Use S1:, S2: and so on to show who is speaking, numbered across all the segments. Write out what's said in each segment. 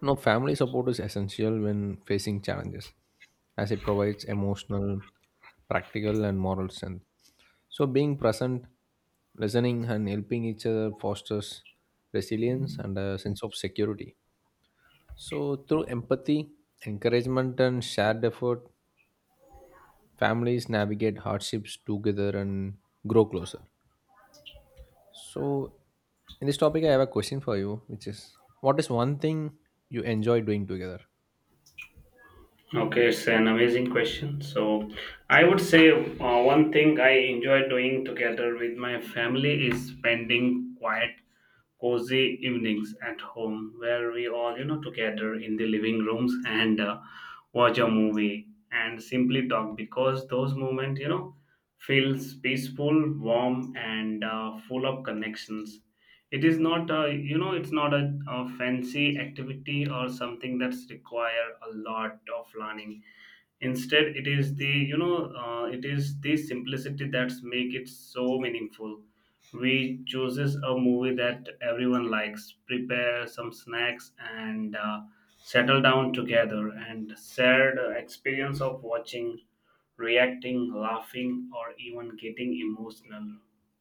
S1: No, family support is essential when facing challenges, as it provides emotional, practical, and moral strength. So, being present, listening, and helping each other fosters resilience and a sense of security. So, through empathy, encouragement, and shared effort, families navigate hardships together and grow closer. So, in this topic, I have a question for you, which is what is one thing you enjoy doing together?
S2: Okay, it's an amazing question. I would say one thing I enjoy doing together with my family is spending quiet, cozy evenings at home where we all, together in the living rooms and watch a movie and simply talk because those moments feels peaceful, warm, and full of connections. It's not a fancy activity or something that's require a lot of learning. Instead it is the you know it is the simplicity that's make it so meaningful. We chooses a movie that everyone likes, prepare some snacks, and settle down together and share the experience of watching, reacting, laughing, or even getting emotional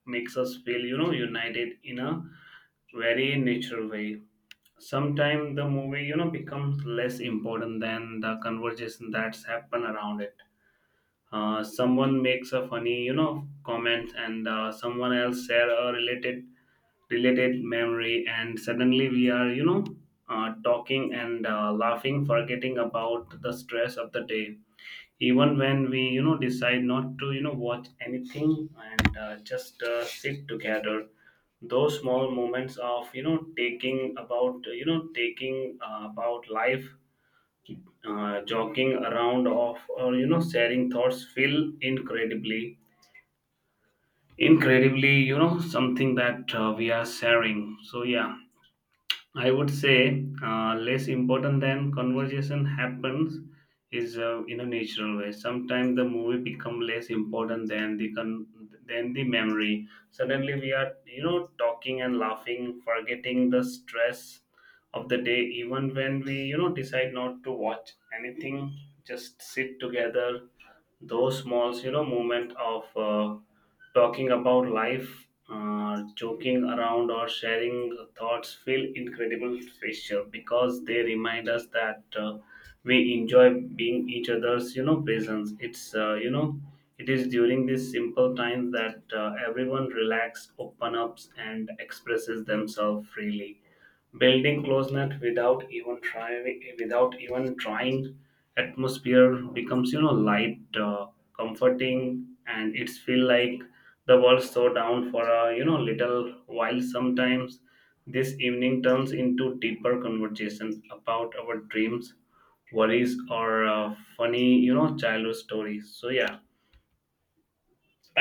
S2: makes us feel united in a very natural way. Sometimes the movie, becomes less important than the conversation that's happen around it. Someone makes a funny comment, and someone else share a related memory and suddenly we are talking and laughing, forgetting about the stress of the day. Even when we decide not to watch anything and just sit together, those small moments of taking about life, jogging around of, or sharing thoughts feel incredibly something that we are sharing. So yeah, I would say less important than conversation happens is in a natural way. Sometimes the movie become less important than than the memory. Suddenly we are talking and laughing, forgetting the stress of the day. Even when we decide not to watch anything, just sit together, those small moment of talking about life, joking around, or sharing thoughts feel incredible special because they remind us that we enjoy being each other's presence. It's you know it is during these simple times that everyone relax, open ups, and expresses themselves freely, building closeness without even trying. Atmosphere becomes light, comforting, and it's feel like the world slow down for a little while. Sometimes this evening turns into deeper conversations about our dreams, worries, or funny childhood stories. So yeah,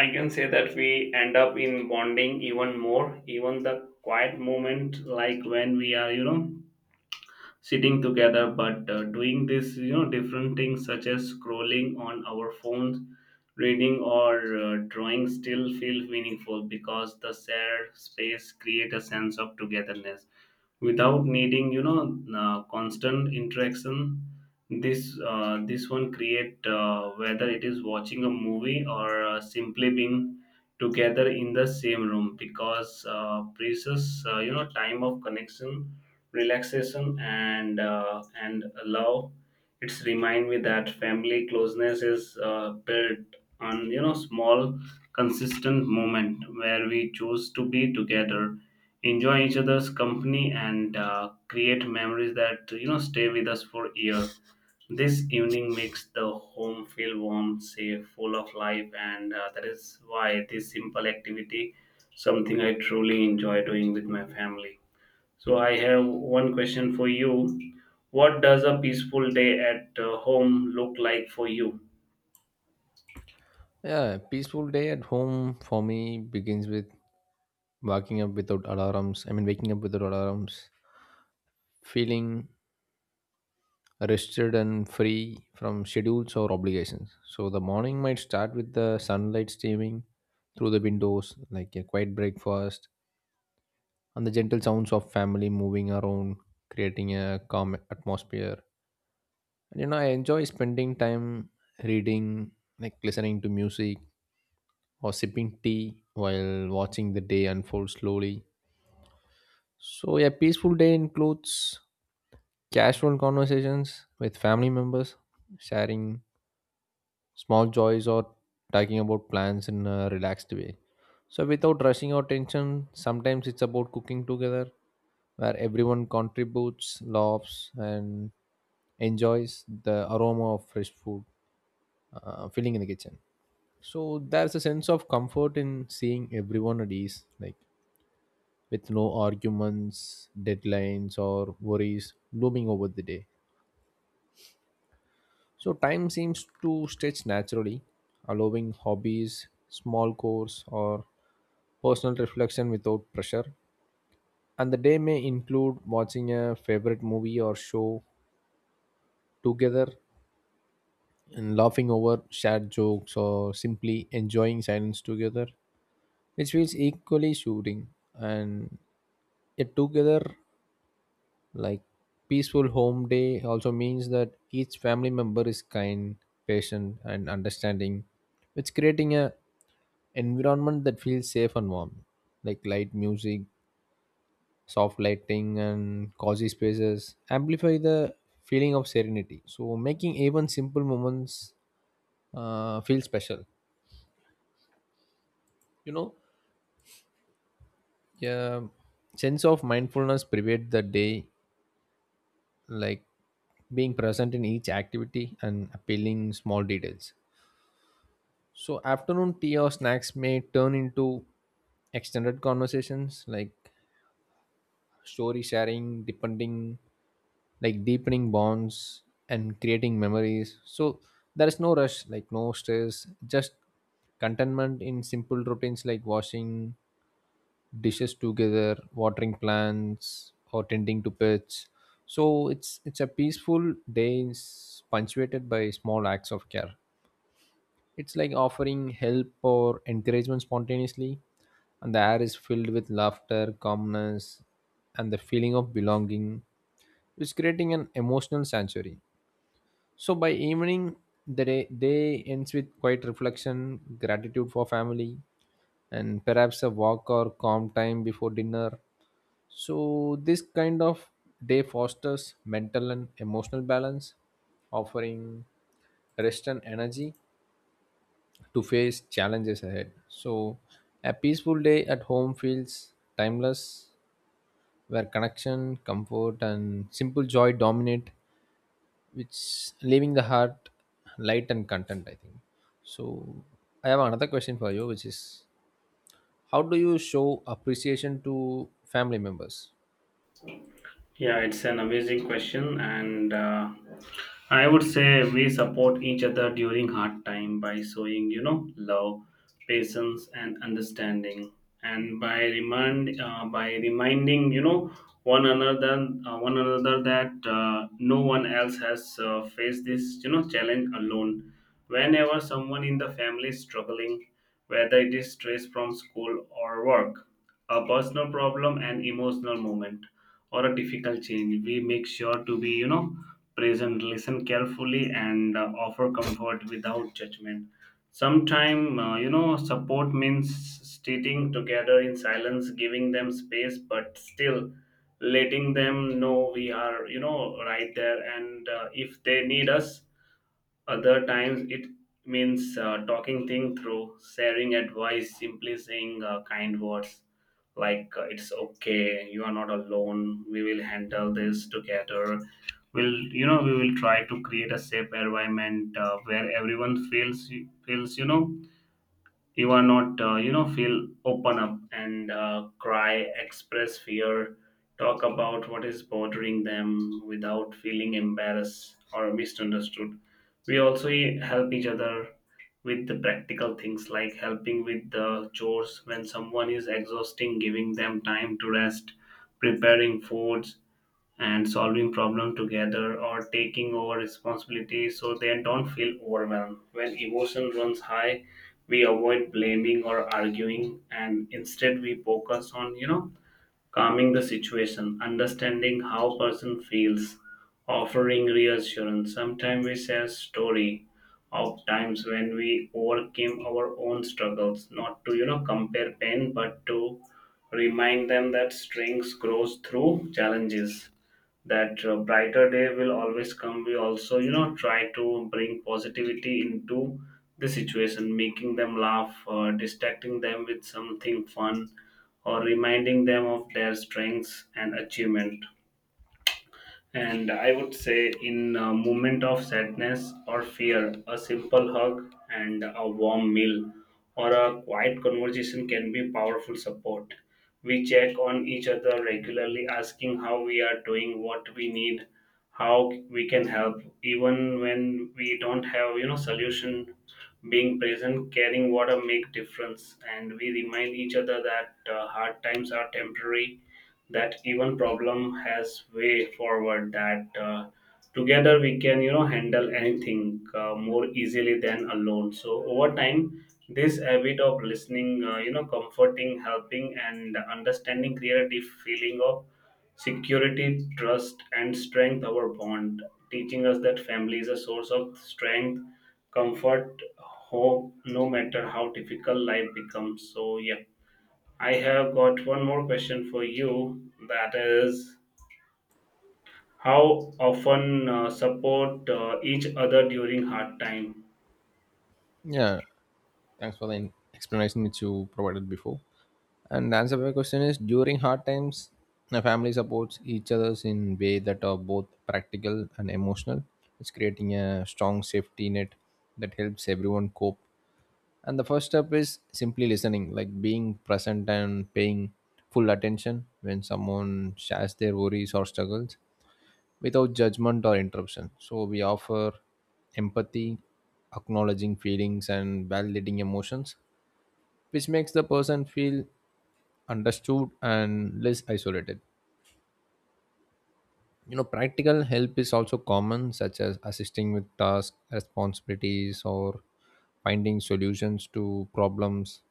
S2: I can say that we end up in bonding even more. Even the quiet moment, like when we are sitting together but doing this you know different things such as scrolling on our phones, reading, or drawing still feel meaningful because the shared space create a sense of togetherness without needing constant interaction. This one create, whether it is watching a movie or simply being together in the same room, because precious time of connection, relaxation, and and love. It's remind me that family closeness is built on small, consistent moment where we choose to be together, enjoy each other's company, and create memories that stay with us for years. This evening makes the home feel warm, safe, full of life, and that is why this simple activity, something I truly enjoy doing with my family. So I have one question for you. What does a peaceful day at home look like for you?
S1: Yeah, peaceful day at home for me begins with waking up without alarms. I mean, waking up without alarms, feeling rested and free from schedules or obligations. So the morning might start with the sunlight streaming through the windows, like a quiet breakfast, and the gentle sounds of family moving around, creating a calm atmosphere. And you know, I enjoy spending time reading, like listening to music or sipping tea while watching the day unfold slowly. So, a peaceful day includes casual conversations with family members, sharing small joys, or talking about plans in a relaxed way. So, without rushing or tension, sometimes it's about cooking together where everyone contributes, laughs, and enjoys the aroma of fresh food filling in the kitchen. So, there's a sense of comfort in seeing everyone at ease. Like, with no arguments, deadlines, or worries looming over the day. So, time seems to stretch naturally, allowing hobbies, small chores, or personal reflection without pressure. And the day may include watching a favorite movie or show together and laughing over shared jokes or simply enjoying silence together, which feels equally soothing. And yet, together. Like peaceful home day also means that each family member is kind, patient, and understanding, which creating a environment that feels safe and warm. Like light music, soft lighting, and cozy spaces amplify the feeling of serenity. So making even simple moments feel special. You know, yeah, sense of mindfulness pervade the day, like being present in each activity and appealing small details. So afternoon tea or snacks may turn into extended conversations like story sharing, depending, like deepening bonds and creating memories. So there is no rush, like no stress, just contentment in simple routines like washing, dishes together, watering plants, or tending to pets. So it's a peaceful day is punctuated by small acts of care. It's like offering help or encouragement spontaneously, and the air is filled with laughter, calmness, and the feeling of belonging. It's creating an emotional sanctuary. So by evening, the day ends with quiet reflection, gratitude for family, and perhaps a walk or calm time before dinner. So, this kind of day fosters mental and emotional balance, offering rest and energy to face challenges ahead. So, a peaceful day at home feels timeless, where connection, comfort, and simple joy dominate, which leaving the heart light and content, I think. So, I have another question for you, which is how do you show appreciation to family members?
S2: Yeah, it's an amazing question, and I would say we support each other during hard time by showing, love, patience, and understanding, and by reminding, one another that no one else has faced this, challenge alone. Whenever someone in the family is struggling, whether it is stress from school or work, a personal problem, and emotional moment, or a difficult change, we make sure to be present, listen carefully, and offer comfort without judgment. Sometimes support means sitting together in silence, giving them space but still letting them know we are right there and if they need us. Other times it means talking things through, sharing advice, simply saying kind words like it's okay, you are not alone, we will handle this together. We will try to create a safe environment where everyone feels you are not feel open up and cry, express fear, talk about what is bothering them without feeling embarrassed or misunderstood. We also help each other with the practical things, like helping with the chores when someone is exhausting, giving them time to rest, preparing foods, and solving problem together, or taking over responsibility so they don't feel overwhelmed. When emotion runs high, we avoid blaming or arguing, and instead we focus on calming the situation, understanding how person feels, offering reassurance. Sometimes we share story of times when we overcame our own struggles, not to compare pain but to remind them that strength grows through challenges, that brighter day will always come. We also try to bring positivity into the situation, making them laugh, distracting them with something fun, or reminding them of their strengths and achievement. And I would say, in a moment of sadness or fear, a simple hug and a warm meal or a quiet conversation can be powerful support. We check on each other regularly, asking how we are doing, what we need, how we can help, even when we don't have, solution. Being present, caring, what a make difference, and we remind each other that hard times are temporary, that even problem has way forward, that together we can handle anything more easily than alone. So over time this habit of listening, comforting, helping, and understanding create a feeling of security, trust, and strength our bond, teaching us that family is a source of strength, comfort, hope, no matter how difficult life becomes. So yeah, I have got one more question for you, that is how often support each other during hard time.
S1: Yeah, thanks for the explanation which you provided before. And the answer to my question is during hard times, the family supports each others in way that are both practical and emotional. It's creating a strong safety net that helps everyone cope. And the first step is simply listening, like being present and paying full attention when someone shares their worries or struggles without judgment or interruption. So we offer empathy, acknowledging feelings and validating emotions which makes the person feel understood and less isolated. You know, practical help is also common, such as assisting with tasks, responsibilities, or finding solutions to problems,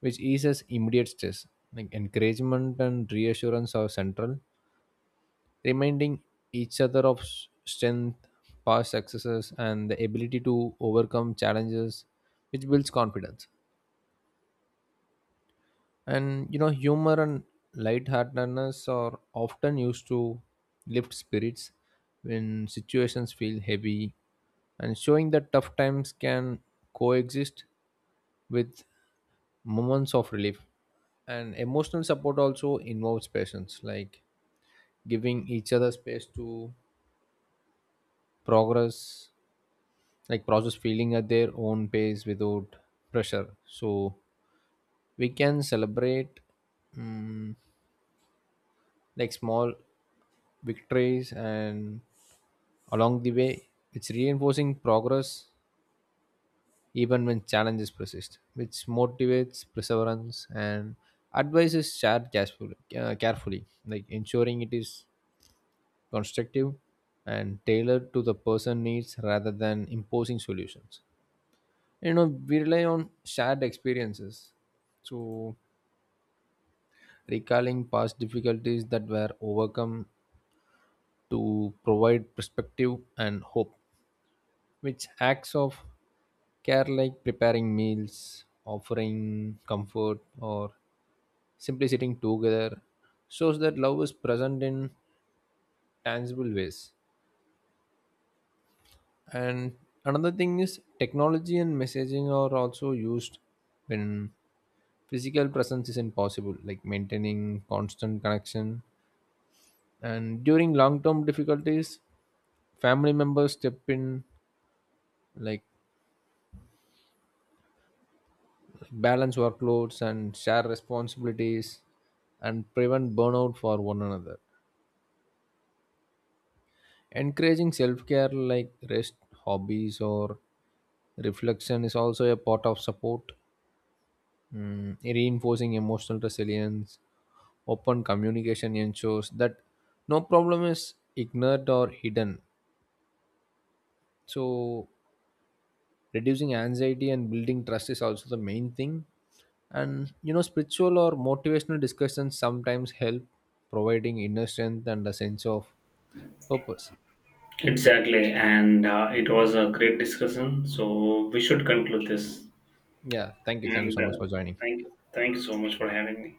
S1: which eases immediate stress. Like encouragement and reassurance are central, reminding each other of strength, past successes, and the ability to overcome challenges, which builds confidence. And you know, humor and lightheartedness are often used to lift spirits when situations feel heavy, and showing that tough times can coexist with moments of relief. And emotional support also involves patience, like giving each other space to progress, like process feeling at their own pace without pressure. So we can celebrate. Mm, like small victories and along the way it's reinforcing progress even when challenges persist which motivates perseverance, and advice is shared carefully, carefully, like ensuring it is constructive and tailored to the person needs rather than imposing solutions. You know, we rely on shared experiences, so recalling past difficulties that were overcome to provide perspective and hope, which acts of care like preparing meals, offering comfort, or simply sitting together shows that love is present in tangible ways. And another thing is technology and messaging are also used when physical presence isn't possible, like maintaining constant connection. And during long term difficulties, family members step in, like balance workloads and share responsibilities and prevent burnout for one another. Encouraging self care like rest, hobbies, or reflection is also a part of support. Mm, reinforcing emotional resilience, open communication ensures that no problem is ignored or hidden. So, reducing anxiety and building trust is also the main thing, and you know spiritual or motivational discussions sometimes help, providing inner strength and a sense of purpose.
S2: Exactly, and it was a great discussion, so we should conclude this,
S1: Yeah, thank you
S2: and
S1: so much for joining.
S2: thank you so much for having me.